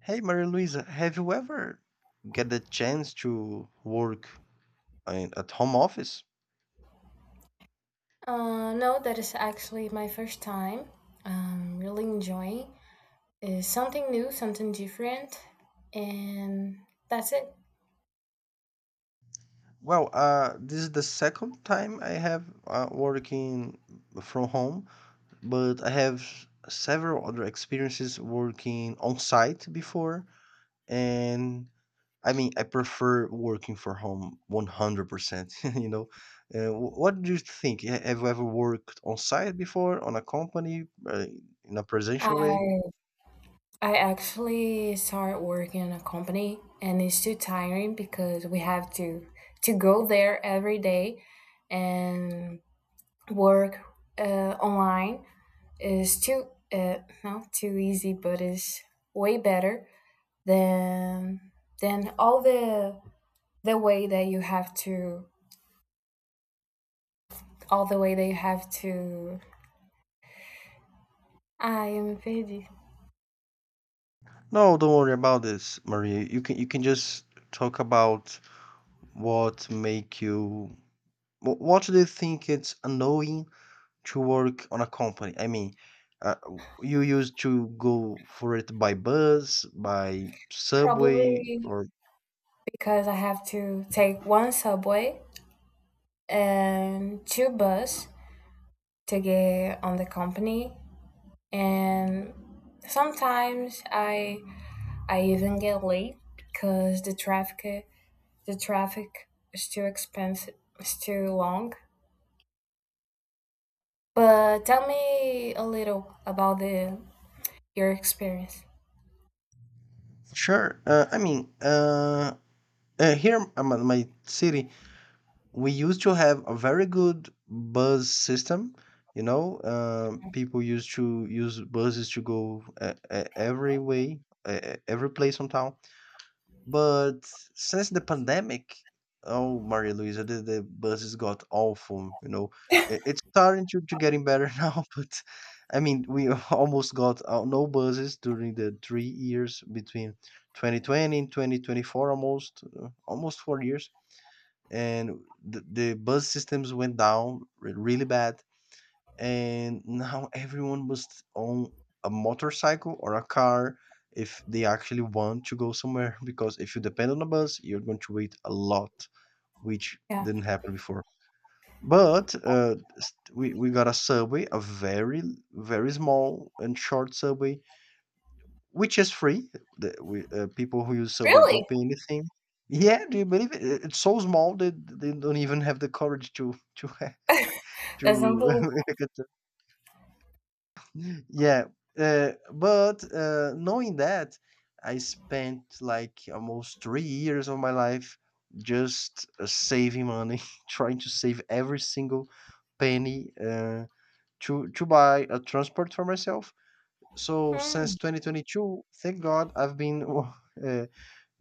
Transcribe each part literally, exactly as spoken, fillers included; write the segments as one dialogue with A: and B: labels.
A: Hey, Maria Luisa, have you ever get the chance to work in, at home office?
B: Uh, no, that is actually my first time. Um, really enjoying is something new, something different, and that's it.
A: Well, uh, this is the second time I have uh, working from home, but I have several other experiences working on site before, and I mean, I prefer working for home a hundred percent, you know. Uh, wh- what do you think? Ha- Have you ever worked on site before, on a company, uh, in a presential way?
B: I I actually started working in a company, and it's too tiring because we have to to go there every day and work uh, online is too uh, not too easy, but is way better than than all the the way that you have to, all the way that you have to. I am busy.
A: No, don't worry about this, Maria. You can you can just talk about what make you wh- what do you think it's annoying to work on a company? I mean, uh, you used to go for it by bus, by subway,
B: Probably
A: or
B: because I have to take one subway and two bus to get on the company, and sometimes I I even get late because the traffic the traffic is too expensive, it's too long. But tell me a little about the your experience.
A: sure. Uh, I mean, uh, uh, here in my my city, we used to have a very good bus system. You know, uh, people used to use buses to go uh, uh, every way, uh, uh, every place on town. But since the pandemic, oh, Maria Luisa, the, the buses got awful. You know, it, it's starting to, to getting better now, but I mean, we almost got uh, no buses during the three years between twenty twenty and twenty twenty-four, almost, uh, almost four years and the, the bus systems went down re- really bad, and now everyone must own a motorcycle or a car if they actually want to go somewhere because if you depend on a bus you're going to wait a lot, which
B: Yeah.
A: didn't happen before. But uh, s- we, we got a subway, a very very small and short subway, which is free. The we, uh, people who use Subway
B: Really?
A: don't pay anything. Yeah, do you believe it? It- It's so small that they don't even have the courage to to ha-
B: That's
A: to.
B: unbelievable.
A: Yeah, uh, but uh, knowing that, I spent like almost three years of my life just uh, saving money, trying to save every single penny uh, to to buy a transport for myself. So since
B: Hmm,
A: twenty twenty-two, thank God, I've been uh,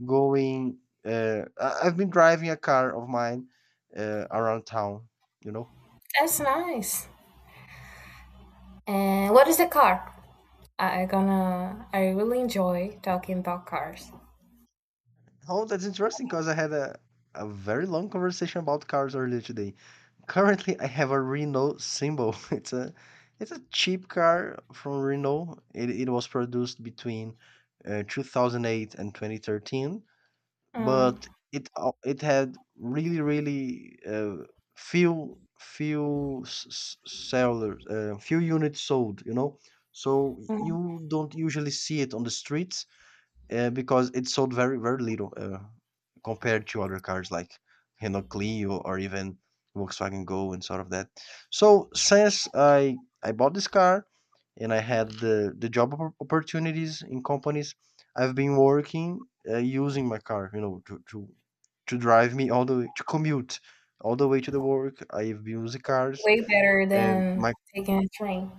A: going uh I- I've been driving a car of mine uh, around town, you know.
B: that's nice. And what is the car? I gonna I really enjoy talking about cars.
A: Oh, that's interesting because I had a, a very long conversation about cars earlier today. Currently I have a Renault Symbol. It's a it's a cheap car from Renault. It, it was produced between uh, two thousand eight and twenty thirteen,
B: Mm,
A: but it al- it had really really uh, few few s- s- sellers, uh, few units sold. You know, so
B: mm.
A: you don't usually see it on the streets uh, because it sold very very little, uh, compared to other cars like Renault Clio or even Volkswagen Go and sort of that. So since I I bought this car and I had the the job oppor- opportunities in companies, I've been working uh, using my car, you know, to to to drive me all the way, to commute all the way to the work. I've been using cars
B: Way better
A: and
B: than
A: my,
B: taking a train.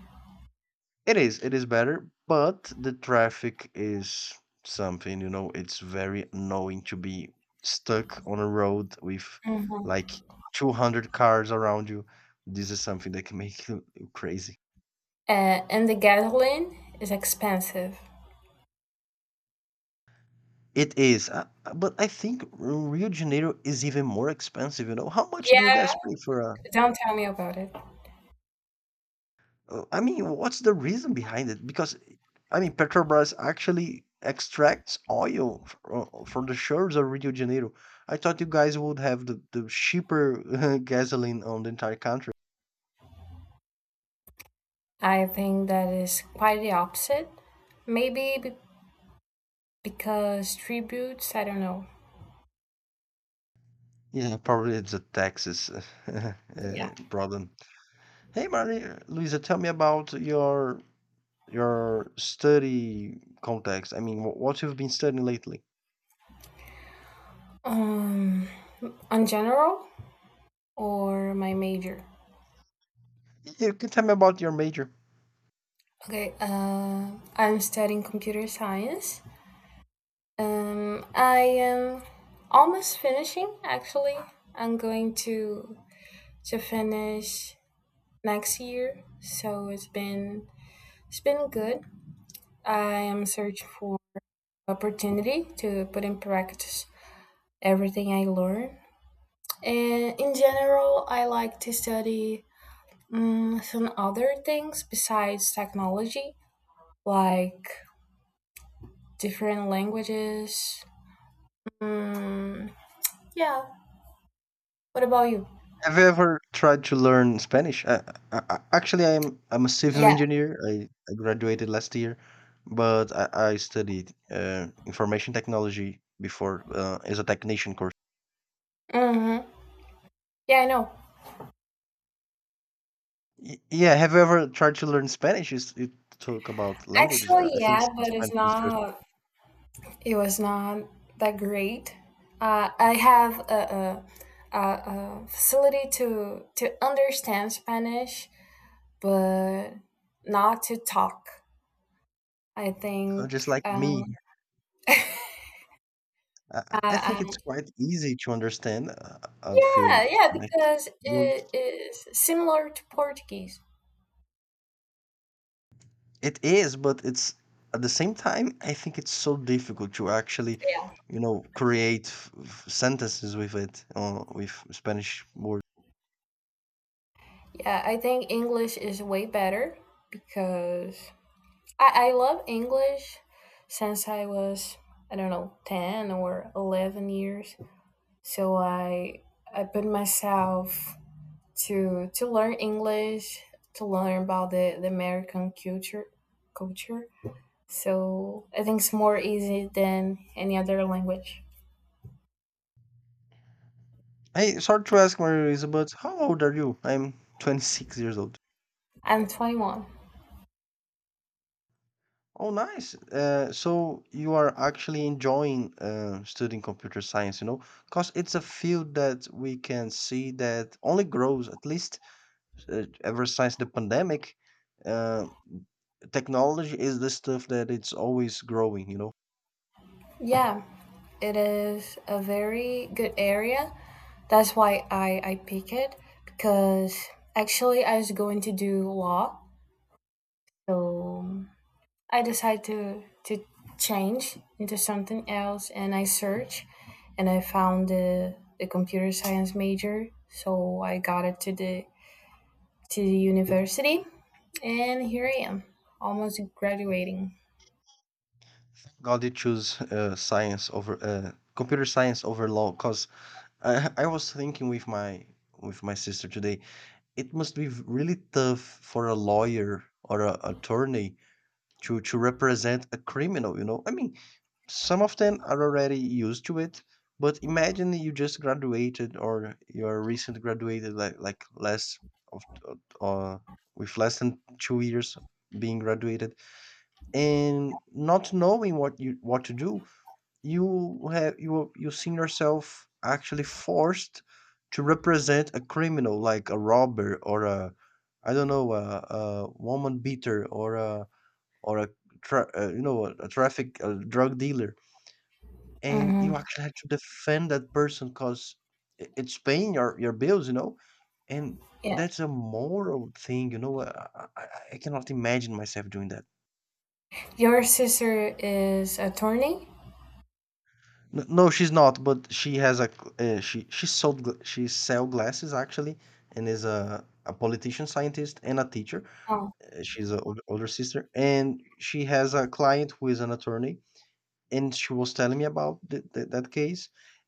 A: it is, it is better, but the traffic is something, you know. It's very annoying to be stuck on a road with like
B: Hmm.
A: two hundred cars around you. This is something that can make you you crazy.
B: Uh, and the gasoline is expensive.
A: It is, uh, uh, but I think Rio de Janeiro is even more expensive, you know. How much do you
B: Yeah,
A: guys pay for a
B: don't tell me about it.
A: Uh, I mean, what's the reason behind it? Because I mean, Petrobras actually extracts oil f- uh, from the shores of Rio de Janeiro. I thought you guys would have the, the cheaper gasoline on the entire country.
B: I think that is quite the opposite. Maybe be- because tributes, I don't know.
A: Yeah, probably it's a taxes uh,
B: Yeah.
A: problem. Hey, Maria Luisa, tell me about your your study context. I mean, wh- what you've been studying lately.
B: Um, on general or my major?
A: You can tell me about your major.
B: Okay, uh, I'm studying computer science. Um, I am almost finishing, actually. I'm going to to finish next year, so it's been it's been good. I am searching for opportunity to put in practice everything I learn. And in general, I like to study um, some other things besides technology, like different languages. Mm, yeah. What about you?
A: Have you ever tried to learn Spanish? Uh, uh, uh, actually, I'm I'm a civil
B: Yeah.
A: engineer. I, I graduated last year, but I, I studied uh, information technology before, uh, as a technician course.
B: Mm-hmm. Yeah, I know.
A: Y- yeah, have you ever tried to learn Spanish? You, s- you talk about languages. I
B: Actually,
A: I think s-
B: yeah, but it's
A: Spanish is interesting.
B: not. It was not that great. Uh, I have a, a, a, a facility to to understand Spanish, but not to talk. I
A: So just
B: think.
A: like me,
B: Um,
A: I, I I
B: uh,
A: think it's
B: um,
A: quite easy to understand uh, a few
B: yeah, yeah,
A: Spanish
B: because it
A: words.
B: is similar to Portuguese.
A: It is, but it's, at the same time, I think it's so difficult to actually, you know, create f- f- sentences with it, uh, with Spanish words.
B: Yeah, I think English is way better because I, I love English since I was, I don't know, ten or eleven years. So I I put myself to to learn English to learn about the, the American culture culture. So I think it's more easy than any other language.
A: Hey, sorry to ask, Maria Luisa, but how old are you? I'm twenty-six years old.
B: I'm twenty-one.
A: Oh, nice. Uh, so you are actually enjoying uh, studying computer science, you know, because it's a field that we can see that only grows, at least uh, ever since the pandemic, uh, technology is the stuff that it's always growing. You know,
B: Yeah, it is a very good area. That's why I, I pick it because actually I was going to do law. So I decide to to change into something else, and I search, and I found the the computer science major. So I got it to the to the university, and here I am, almost graduating.
A: God, you choose uh, science over uh, computer science over law. Cause I I was thinking with my with my sister today, it must be really tough for a lawyer or a attorney to to represent a criminal, you know. I mean, some of them are already used to it, but imagine you just graduated or you're recent graduated, like like less of, uh, with less than two years being graduated, and not knowing what you what to do. You have, you you seen yourself actually forced to represent a criminal, like a robber or a, I don't know, a, a woman beater or a or a tra- uh, you know, a traffic, a drug dealer, and you
B: Hmm.
A: actually had to defend that person because it's paying your, your bills, you know. And
B: Yeah,
A: that's a moral thing, you know. i, I, I cannot imagine myself doing that.
B: your sister is attorney.
A: N- no, she's not, but she has a c- uh, she she sold gl- she sell glasses actually, and is a a politician scientist and a teacher.
B: Oh,
A: Uh, she's an older sister, and she has a client who is an attorney, and she was telling me about th th that case,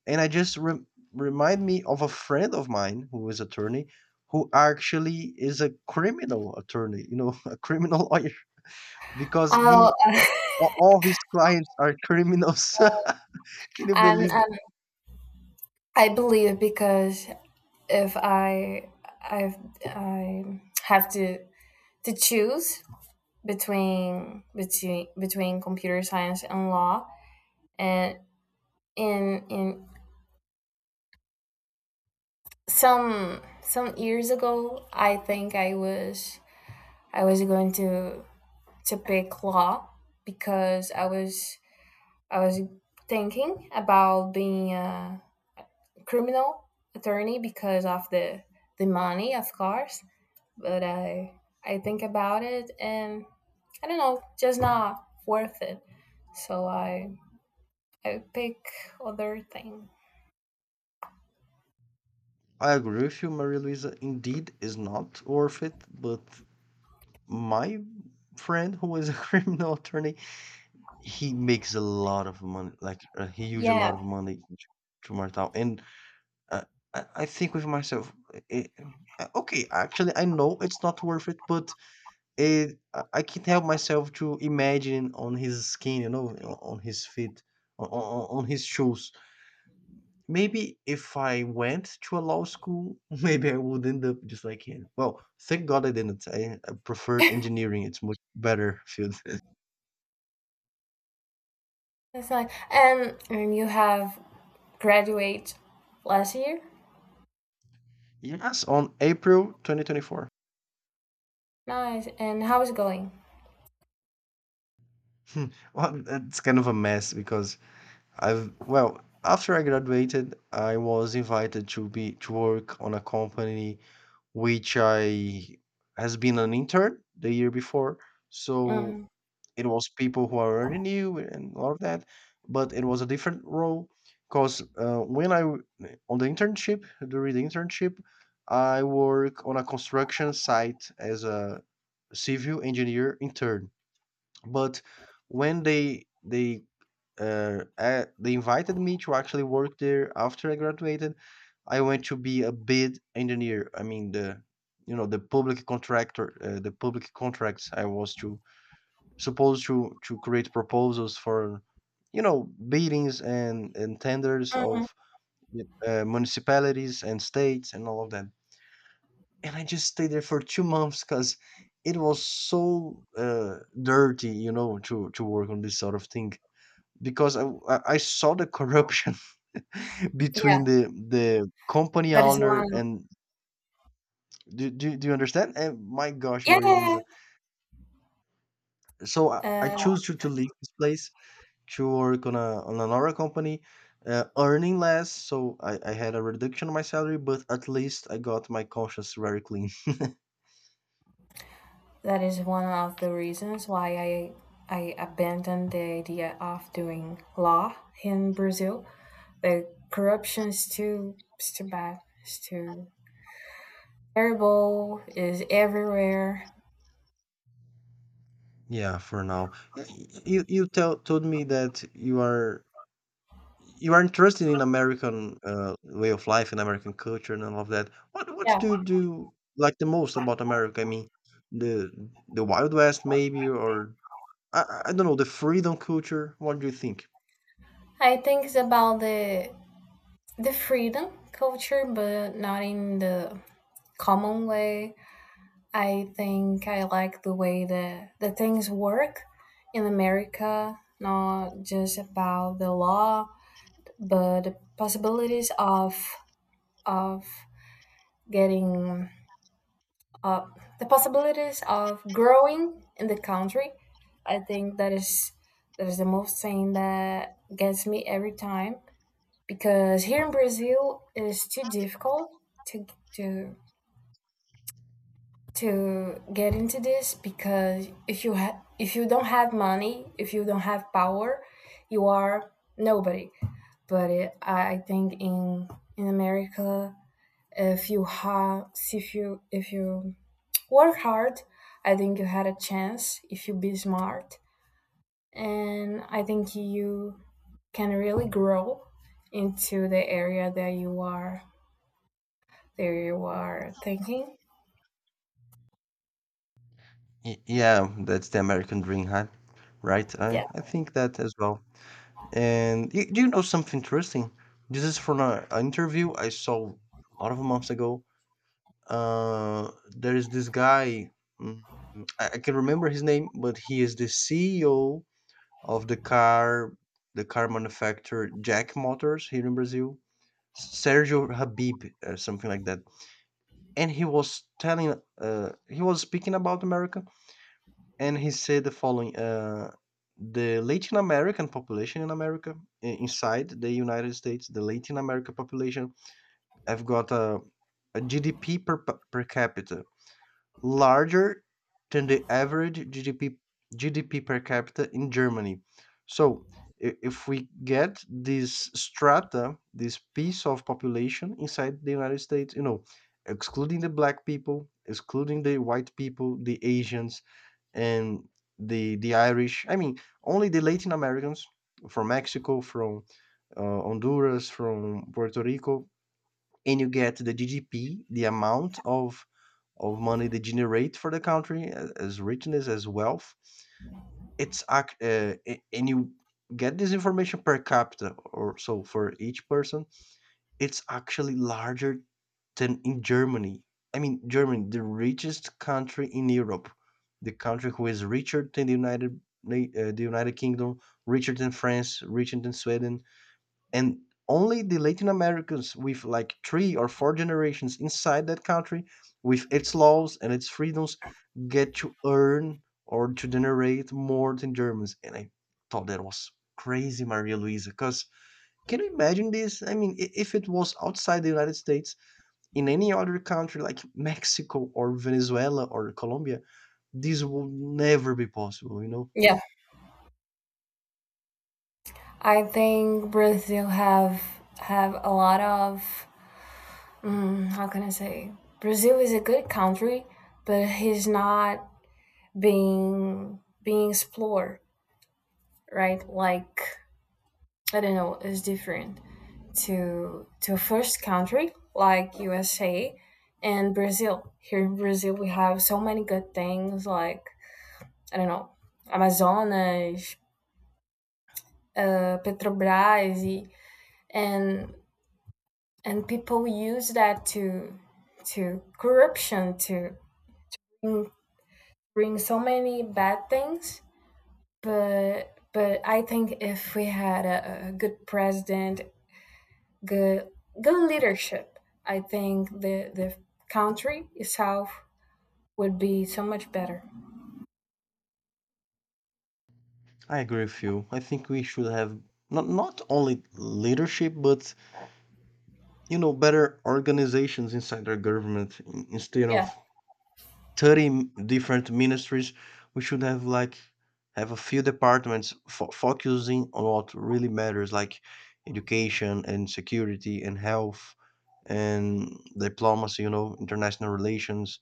A: and I just rem remind me of a friend of mine who is attorney, who actually is a criminal attorney, you know, a criminal lawyer, because
B: oh
A: he a- all his clients are criminals. Can you
B: and,
A: believe that?
B: and I believe because if I I I have to to choose between between between computer science and law, and in in some some years ago, i think i was i was going to to pick law because i was i was thinking about being a criminal attorney because of the the money, of course. But i i think about it, and i don't know, just not worth it. So I I would pick other thing.
A: I agree with you, Maria Luisa. Indeed, is not worth it. But my friend, who is a criminal attorney, he makes a lot of money, like a huge a lot
B: Yeah,
A: of money to Martal. And I I I think with myself, eh, uh, okay, actually, I know it's not worth it, but it, I I can't help myself to imagine on his skin, you know, o- on his feet, on, on on his shoes. Maybe if I went to a law school, maybe I would end up just like him. Well, thank God I didn't. I, I prefer engineering; it's much better field.
B: that's nice. And um, you have graduate last year.
A: Yes, on April two thousand twenty-four.
B: Nice. And how is it going?
A: Well, it's kind of a mess because I've, well, after I graduated, I was invited to be to work on a company which I has been an intern the year before. So
B: Mm.
A: it was people who are already new and all of that, but it was a different role because uh, when I w- on the internship, during the internship, I work on a construction site as a civil engineer intern. But when they they uh, a- they invited me to actually work there after I graduated, I went to be a bid engineer. I mean, the, you know, the public contractor, uh, the public contracts. I was to Supposed to to create proposals for, you know, biddings and and tenders
B: Mm.
A: of uh, municipalities and states and all of that. And I just stayed there for two months because it was so uh, dirty, you know, to to work on this sort of thing because I I I saw the corruption
B: Yeah,
A: between the the company
B: that is one.
A: owner and, do, do, do you understand? And my gosh,
B: Yeah,
A: Maria
B: yeah,
A: Luisa. So I, I
B: yeah. Uh,
A: choose to, to leave this place to work on a on another company, uh, earning less. So I, I had a reduction on my salary, but at least I got my conscience very clean.
B: that is one of the reasons why I I abandoned the idea of doing law in Brazil. The corruption is too it's too bad. It's too terrible. Is everywhere.
A: Yeah, for now. Y- You you tell, told me that you are you are interested in American uh, way of life and American culture and all of that. What what
B: Yeah,
A: do you do like the most about America? I mean, the the Wild West, maybe, or I, I I don't know, the freedom culture. What do you think?
B: I think it's about the the freedom culture, but not in the common way. I think I like the way that the things work in America, not just about the law, but the possibilities of of getting uh, the possibilities of growing in the country. I think that is that is the most thing that gets me every time because here in Brazil it's too difficult to to to get into this because if you ha- if you don't have money, if you don't have power, you are nobody. But it, I I think in in America, if you have if you if you work hard, I think you had a chance if you be smart, and I think you can really grow into the area that you are there you are thinking.
A: Y- Yeah, that's the American dream, huh? Right? I,
B: Yeah.
A: I think that as well. And you, do you know something interesting? This is from a, an interview I saw a lot of months ago. Uh, there is this guy. Mm, I, I can remember his name, but he is the C E O of the car, the car manufacturer Jack Motors here in Brazil. Sergio Habib, uh, something like that. And he was telling, uh, he was speaking about America, and he said the following: uh, the Latin American population in America, i- inside the United States, the Latin America population, have got a, a G D P per, per capita larger than the average G D P GDP per capita in Germany. So i- if we get this strata, this piece of population inside the United States, you know, excluding the black people, excluding the white people, the Asians, and the the Irish. I mean, only the Latin Americans from Mexico, from uh, Honduras, from Puerto Rico and you get the G D P, the amount of of money they generate for the country a- as richness as wealth. It's ac- uh, a- and you get this information per capita or so for each person. It's actually larger than in Germany. I mean, Germany, the richest country in Europe, the country who is richer than the United Na- uh, the United Kingdom, richer than France, richer than Sweden, and only the Latin Americans with like three or four generations inside that country with its laws and its freedoms get to earn or to generate more than Germans. And I thought that was crazy, Maria Luisa, because can you imagine this? I mean, i- if it was outside the United States, in any other country like Mexico or Venezuela or Colombia, this will never be possible, you know?
B: Yeah. I think Brazil have have a lot of mm, how can I say? Brazil is a good country, but he's not being being explored, right? Like, I don't know, it's different to to a first country like U S A and Brazil. Here in Brazil we have so many good things like, I don't know, Amazonas, uh, Petrobras, e and and people use that to to corruption to bring, bring so many bad things, but but i think if we had a, a good president, good good leadership. I think the the country itself would be so much better.
A: I agree with you. I think we should have not, not only leadership, but you know, better organizations inside their government. In- instead
B: Yeah.
A: of thirty m- different ministries, we should have like have a few departments fo- focusing on what really matters, like education and security and health and diplomacy, you know, international relations,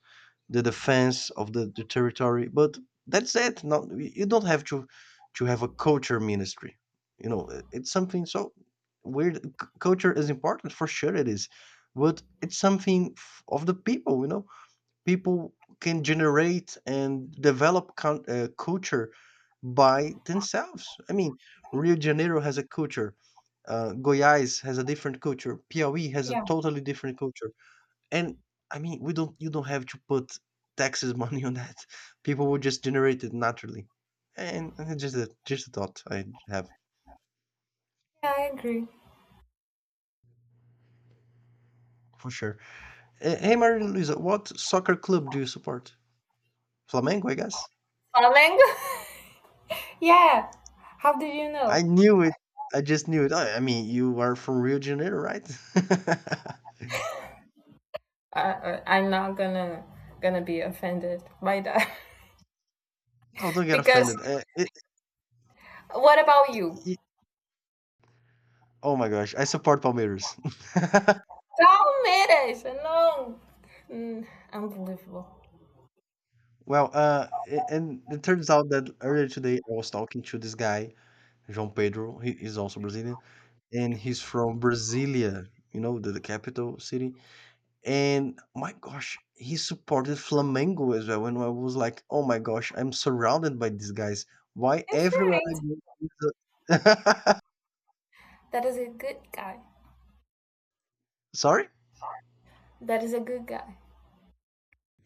A: the defense of the, the territory. But that's it. Not, you don't have to to have a culture ministry. You know, it- it's something so weird. C- Culture is important for sure. It is, but it's something f- of the people. You know, people can generate and develop con- uh, culture by themselves. I mean, Rio de Janeiro has a culture. Uh, Goiás has a different culture. Piauí has a
B: Yeah,
A: totally different culture. And I mean, we don't you don't have to put taxes money on that. People will just generate it naturally. And, and just a just a thought I have
B: yeah, i agree.
A: for sure. Uh, hey, Maria Luisa, what soccer club do you support? Flamengo, I guess.
B: Flamengo. Yeah, how did you
A: I
B: know?
A: knew it. I just knew it. I, I mean, you are from Rio de Janeiro, right?
B: I, I- i'm not gonna gonna be offended by that.
A: No, don't get
B: because
A: offended. Uh, it,
B: What about you?
A: it- oh my gosh, I support Palmeiras.
B: Palmeiras, no. Mm, unbelievable.
A: Well, uh, a- and it turns out that earlier today I was talking to this guy, João Pedro. He is also Brazilian. And he's from Brasilia, you know, the, the capital city. And my gosh, he supported Flamengo as well. And I was like, oh my gosh, I'm surrounded by these guys. Why
B: He's
A: everywhere
B: right.
A: I go? is a-"
B: That is a good guy.
A: Sorry?
B: That is a good guy.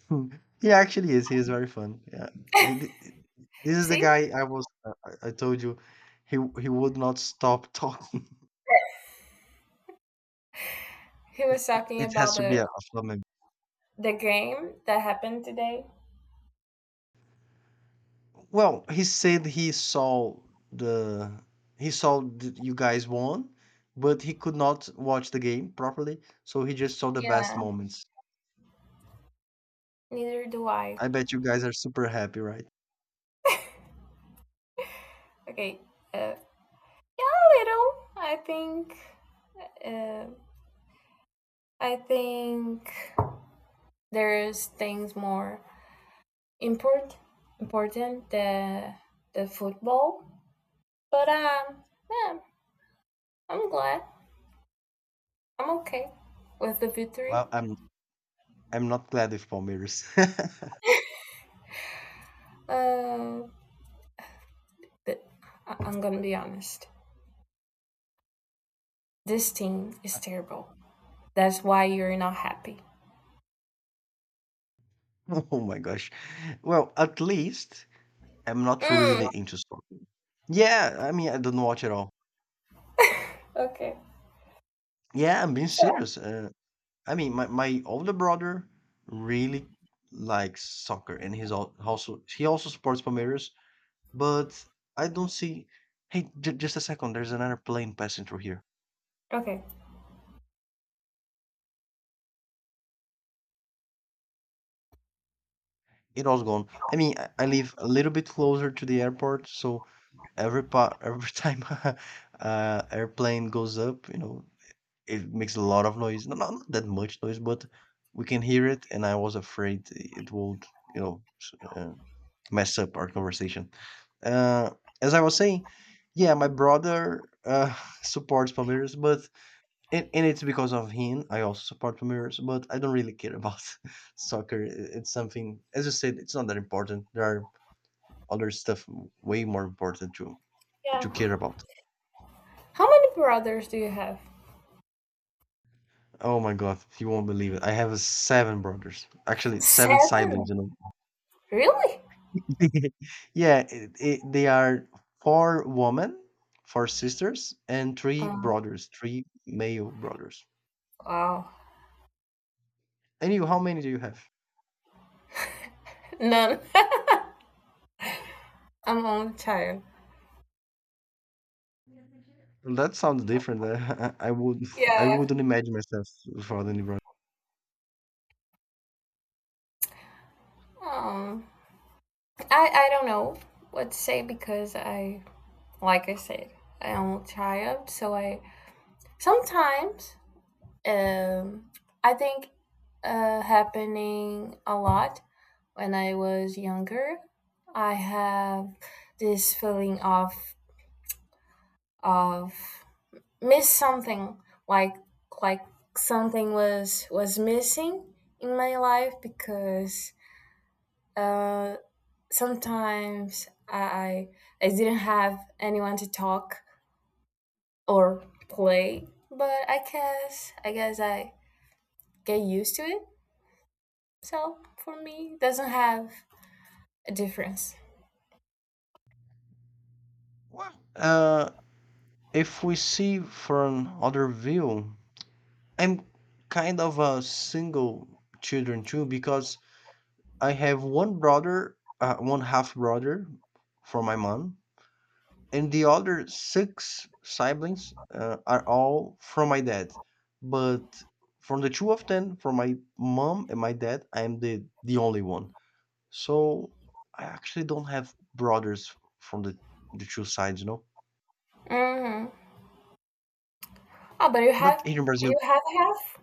A: Hmm. He actually is. He is very fun. Yeah. Th- th- This is the
B: See,
A: guy I was. I I- I told you, he he would not stop talking.
B: he was talking
A: It has
B: about
A: to be
B: the
A: a, a Flamengo.
B: the game that happened today.
A: Well, he said he saw the he saw that you guys won, but he could not watch the game properly, so he just saw the best
B: Yeah,
A: moments.
B: neither do I.
A: I bet you guys are super happy, right?
B: Okay, uh, yeah, a little. I think. Uh, I think there's things more important important than the football. But um, yeah, I'm glad. I'm okay with the victory.
A: Well, I'm I'm not glad with Palmeiras.
B: Uh, but I- I'm gonna be honest. This team is terrible. That's why you're not happy.
A: Oh my gosh. Well, at least I'm not
B: Mm.
A: really into soccer. Yeah, I mean, I don't watch at all.
B: Okay.
A: Yeah, I'm being
B: So
A: serious. Uh, I mean, my my older brother really likes soccer, and he's al- also he also supports Palmeiras. But I don't see. Hey, j- just a second. There's another plane passing through here.
B: okay.
A: It was gone. I mean, I I live a little bit closer to the airport, so every part, every time a uh airplane goes up, you know, it makes a lot of noise. No, not not that much noise, but we can hear it. And I was afraid it would, you know, s- uh, mess up our conversation. Uh, as I was saying, yeah, my brother uh supports Palmeiras, but and, and it's because of him I also support Palmeiras, but I don't really care about soccer. I- it's something, as you said, it's not that important. There are other stuff way more important to
B: Yeah.
A: to care about.
B: How many brothers do you have?
A: Oh my god, you won't believe it, I have uh, seven brothers, actually seven siblings,
B: Seven.
A: you know.
B: Really?
A: Yeah, it, it, they are four women, four sisters, and three
B: Um.
A: brothers, three male brothers.
B: Wow.
A: And you, how many do you have?
B: None. I'm only child.
A: Well, that sounds different. i, I would I
B: Yeah.
A: wouldn't imagine myself without any brothers.
B: Um. I I don't know what to say because I, like I said, I am a child, so I sometimes um, I think uh, happening a lot when I was younger. I have this feeling of of miss something, like like something was was missing in my life because uh, sometimes I I didn't have anyone to talk or play. But I guess I guess I get used to it. So for me, it doesn't have a difference.
A: Uh, if we see from other view, I'm kind of a single children too because I have one brother, uh, one half brother from my mom, and the other six siblings uh, are all from my dad. But from the two of them, from my mom and my dad, I am the the only one. So I actually don't have brothers from the the two sides, you know.
B: Hmm. Oh, but you
A: But
B: have
A: here in Brazil,
B: you have half.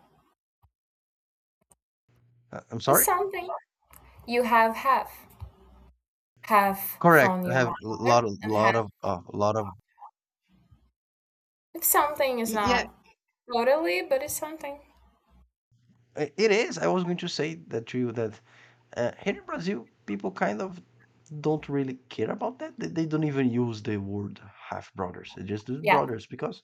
A: uh, I'm
B: It's
A: sorry.
B: something. You have half half
A: Correct.
B: from
A: I
B: your
A: have a
B: mother
A: lot of
B: and half.
A: lot of uh, a lot of—
B: If something is
A: Y- yeah,
B: not totally, but it's something.
A: i- it is. I was going to say that to you that uh, here in Brazil, people kind of don't really care about that. They, they don't even use the word half brothers. They just do
B: Yeah,
A: brothers because.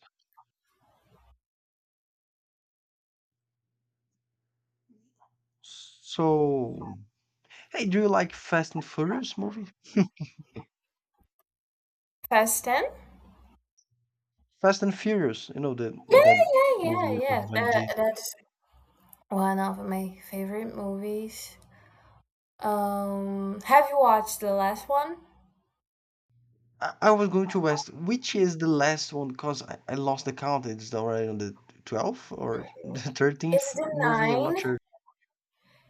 A: So, hey, do you like Fast and Furious movie?
B: past ten.
A: Fast and Furious, you know the
B: Yeah,
A: that
B: yeah,
A: movie
B: yeah, yeah.
A: with Vin
B: That,
A: Diesel.
B: that's one of my favorite movies. Um, have you watched the last one?
A: I, I was going to ask which is the last one because I, I lost the count. It's already on the twelfth or the thirteenth
B: It's the
A: movie. I'm not
B: nine.
A: sure.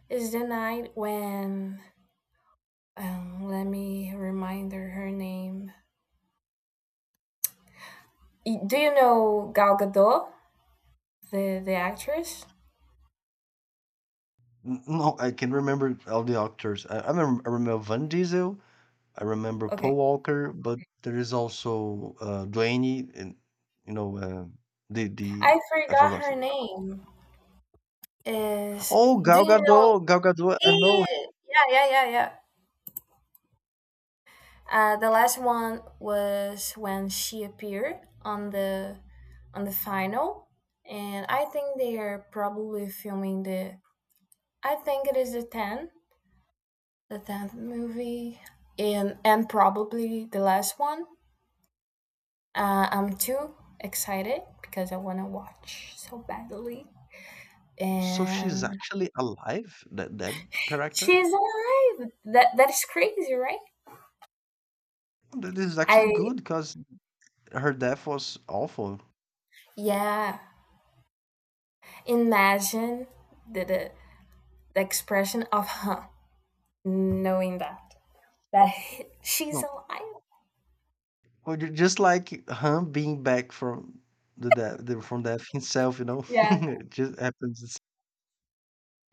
B: It's the nine when. Um, let me remind her her name. Y- Do you know Gal Gadot, the the actress?
A: N- No, I can remember all the actors. I, I remember, I remember Van Diesel. I remember
B: Okay,
A: Paul Walker, but there is also uh, Dwayne and you know uh, the the
B: I
A: I
B: forgot
A: forgot.
B: her name. Is
A: Oh,
B: Do
A: Gal
B: you know?
A: Gadot, Gal Gadot. I know.
B: E? Yeah, yeah, yeah, yeah. Uh, the last one was when she appeared on the on the final, and I think they are probably filming the. I think it is the ten, the tenth movie, and and probably the last one. Uh, I'm too excited because I want to watch so badly.
A: So she's
B: And
A: actually alive. That that character.
B: she's alive. That that is crazy, right?
A: Th- This is actually
B: I
A: good because her death was awful.
B: Yeah. Imagine the the, the expression of her knowing that that she's
A: No,
B: alive.
A: well, ju- just like him being back from the death, the, from death himself. You know,
B: Yeah,
A: it just happens.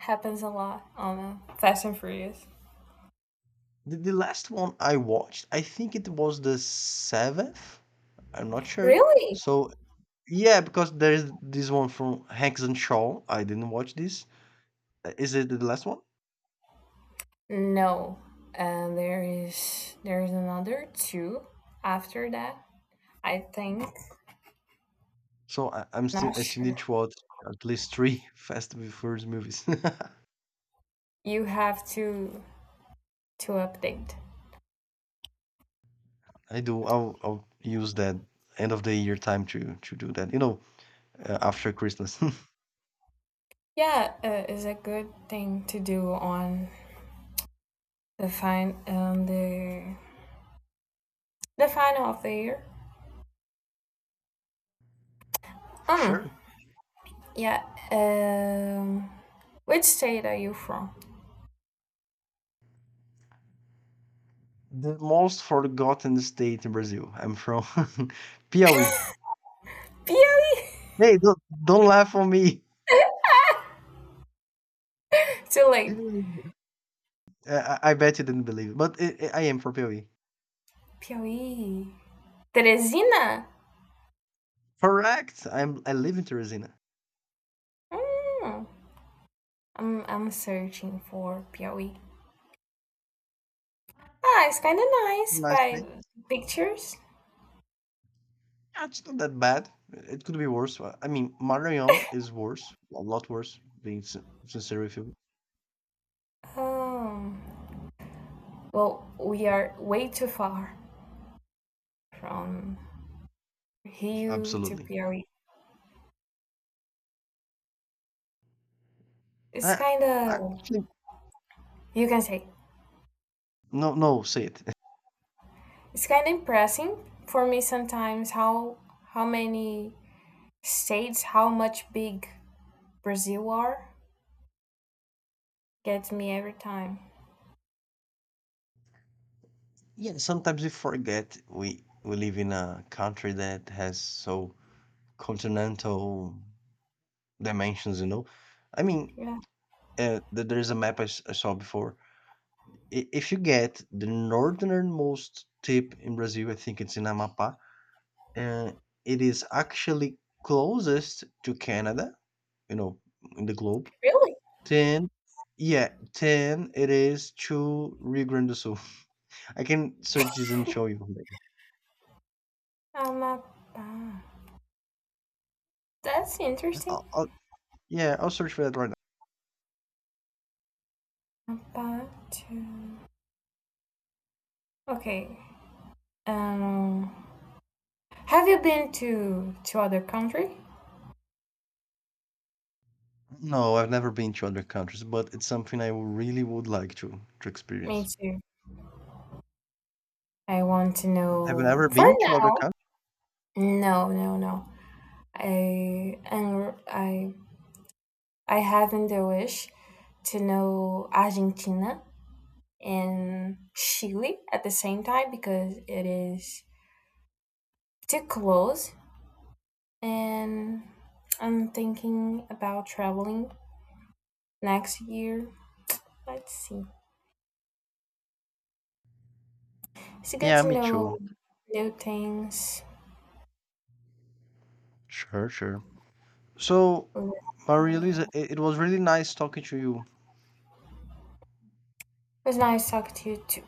B: happens a lot on uh, Fast and Furious.
A: The, the last one I watched, I think it was the seventh. I'm not sure.
B: Really?
A: So yeah, because there's this one from Hanks and Shaw. I didn't watch this. Uh, Is it the last one?
B: No. Uh, there is there is another two after that. I think.
A: So I, I'm still
B: Not
A: I still
B: sure.
A: need to watch at least three Fast and Furious movies.
B: You have to to update.
A: I do. I'll I'll use that end of the year time to to do that. You know, uh, after Christmas.
B: Yeah, uh, it's a good thing to do on the fine on the the final of the year.
A: For
B: um
A: sure.
B: yeah. um which state are you from?
A: The most forgotten state in Brazil. I'm from Piauí.
B: Piauí.
A: Hey, don't, don't laugh on me.
B: Too late.
A: I, I I bet you didn't believe it, but i i I am from P O E.
B: Piauí. Teresina.
A: Correct. I'm. I live in Teresina.
B: Hmm. I'm I'm searching for Piauí. Ah it's kind of nice
A: Nice
B: by
A: thing.
B: pictures.
A: Yeah, it's not that bad. It could be worse. Uh, I mean, Maranhão is worse, a lot worse. Being sin- sincere with you,
B: um well, we are way too far from Rio to
A: absolutely.
B: Piauí. It's
A: I,
B: kind
A: I
B: of,
A: actually—
B: you can say,
A: no, no, say it.
B: it's kind of impressive for me sometimes how how many states, how much big Brazil are, gets me every time.
A: Yeah, sometimes we forget we we live in a country that has so continental dimensions. You know, I mean,
B: Yeah,
A: uh, th- there is a map I, s- I saw before i- if you get the northernmost tip in Brazil, I think it's in Amapá, and it is actually closest to Canada, you know, in the globe.
B: really?
A: Then, yeah, then it is to Rio Grande do Sul. I can search this and show you later.
B: Amapá. That's interesting.
A: I'll, I'll- yeah, I'll search for that right now.
B: Amapá to. Okay. Um, have you been to to other country?
A: No, I've never been to other countries, but it's something I really would like to to
B: Me
A: experience.
B: too. I want to
A: Have you
B: know.
A: ever
B: For
A: been to other
B: now,
A: countries?
B: no, no, no. I and I I having the wish to know Argentina and Chile at the same time because it is too close, and I'm thinking about traveling next year. Let's see. It's good
A: Yeah,
B: to
A: me
B: know
A: too.
B: new things
A: Sure, sure. So,
B: a
A: but really, it,
B: little.
A: it was really nice talking to you.
B: It was nice talking to you too.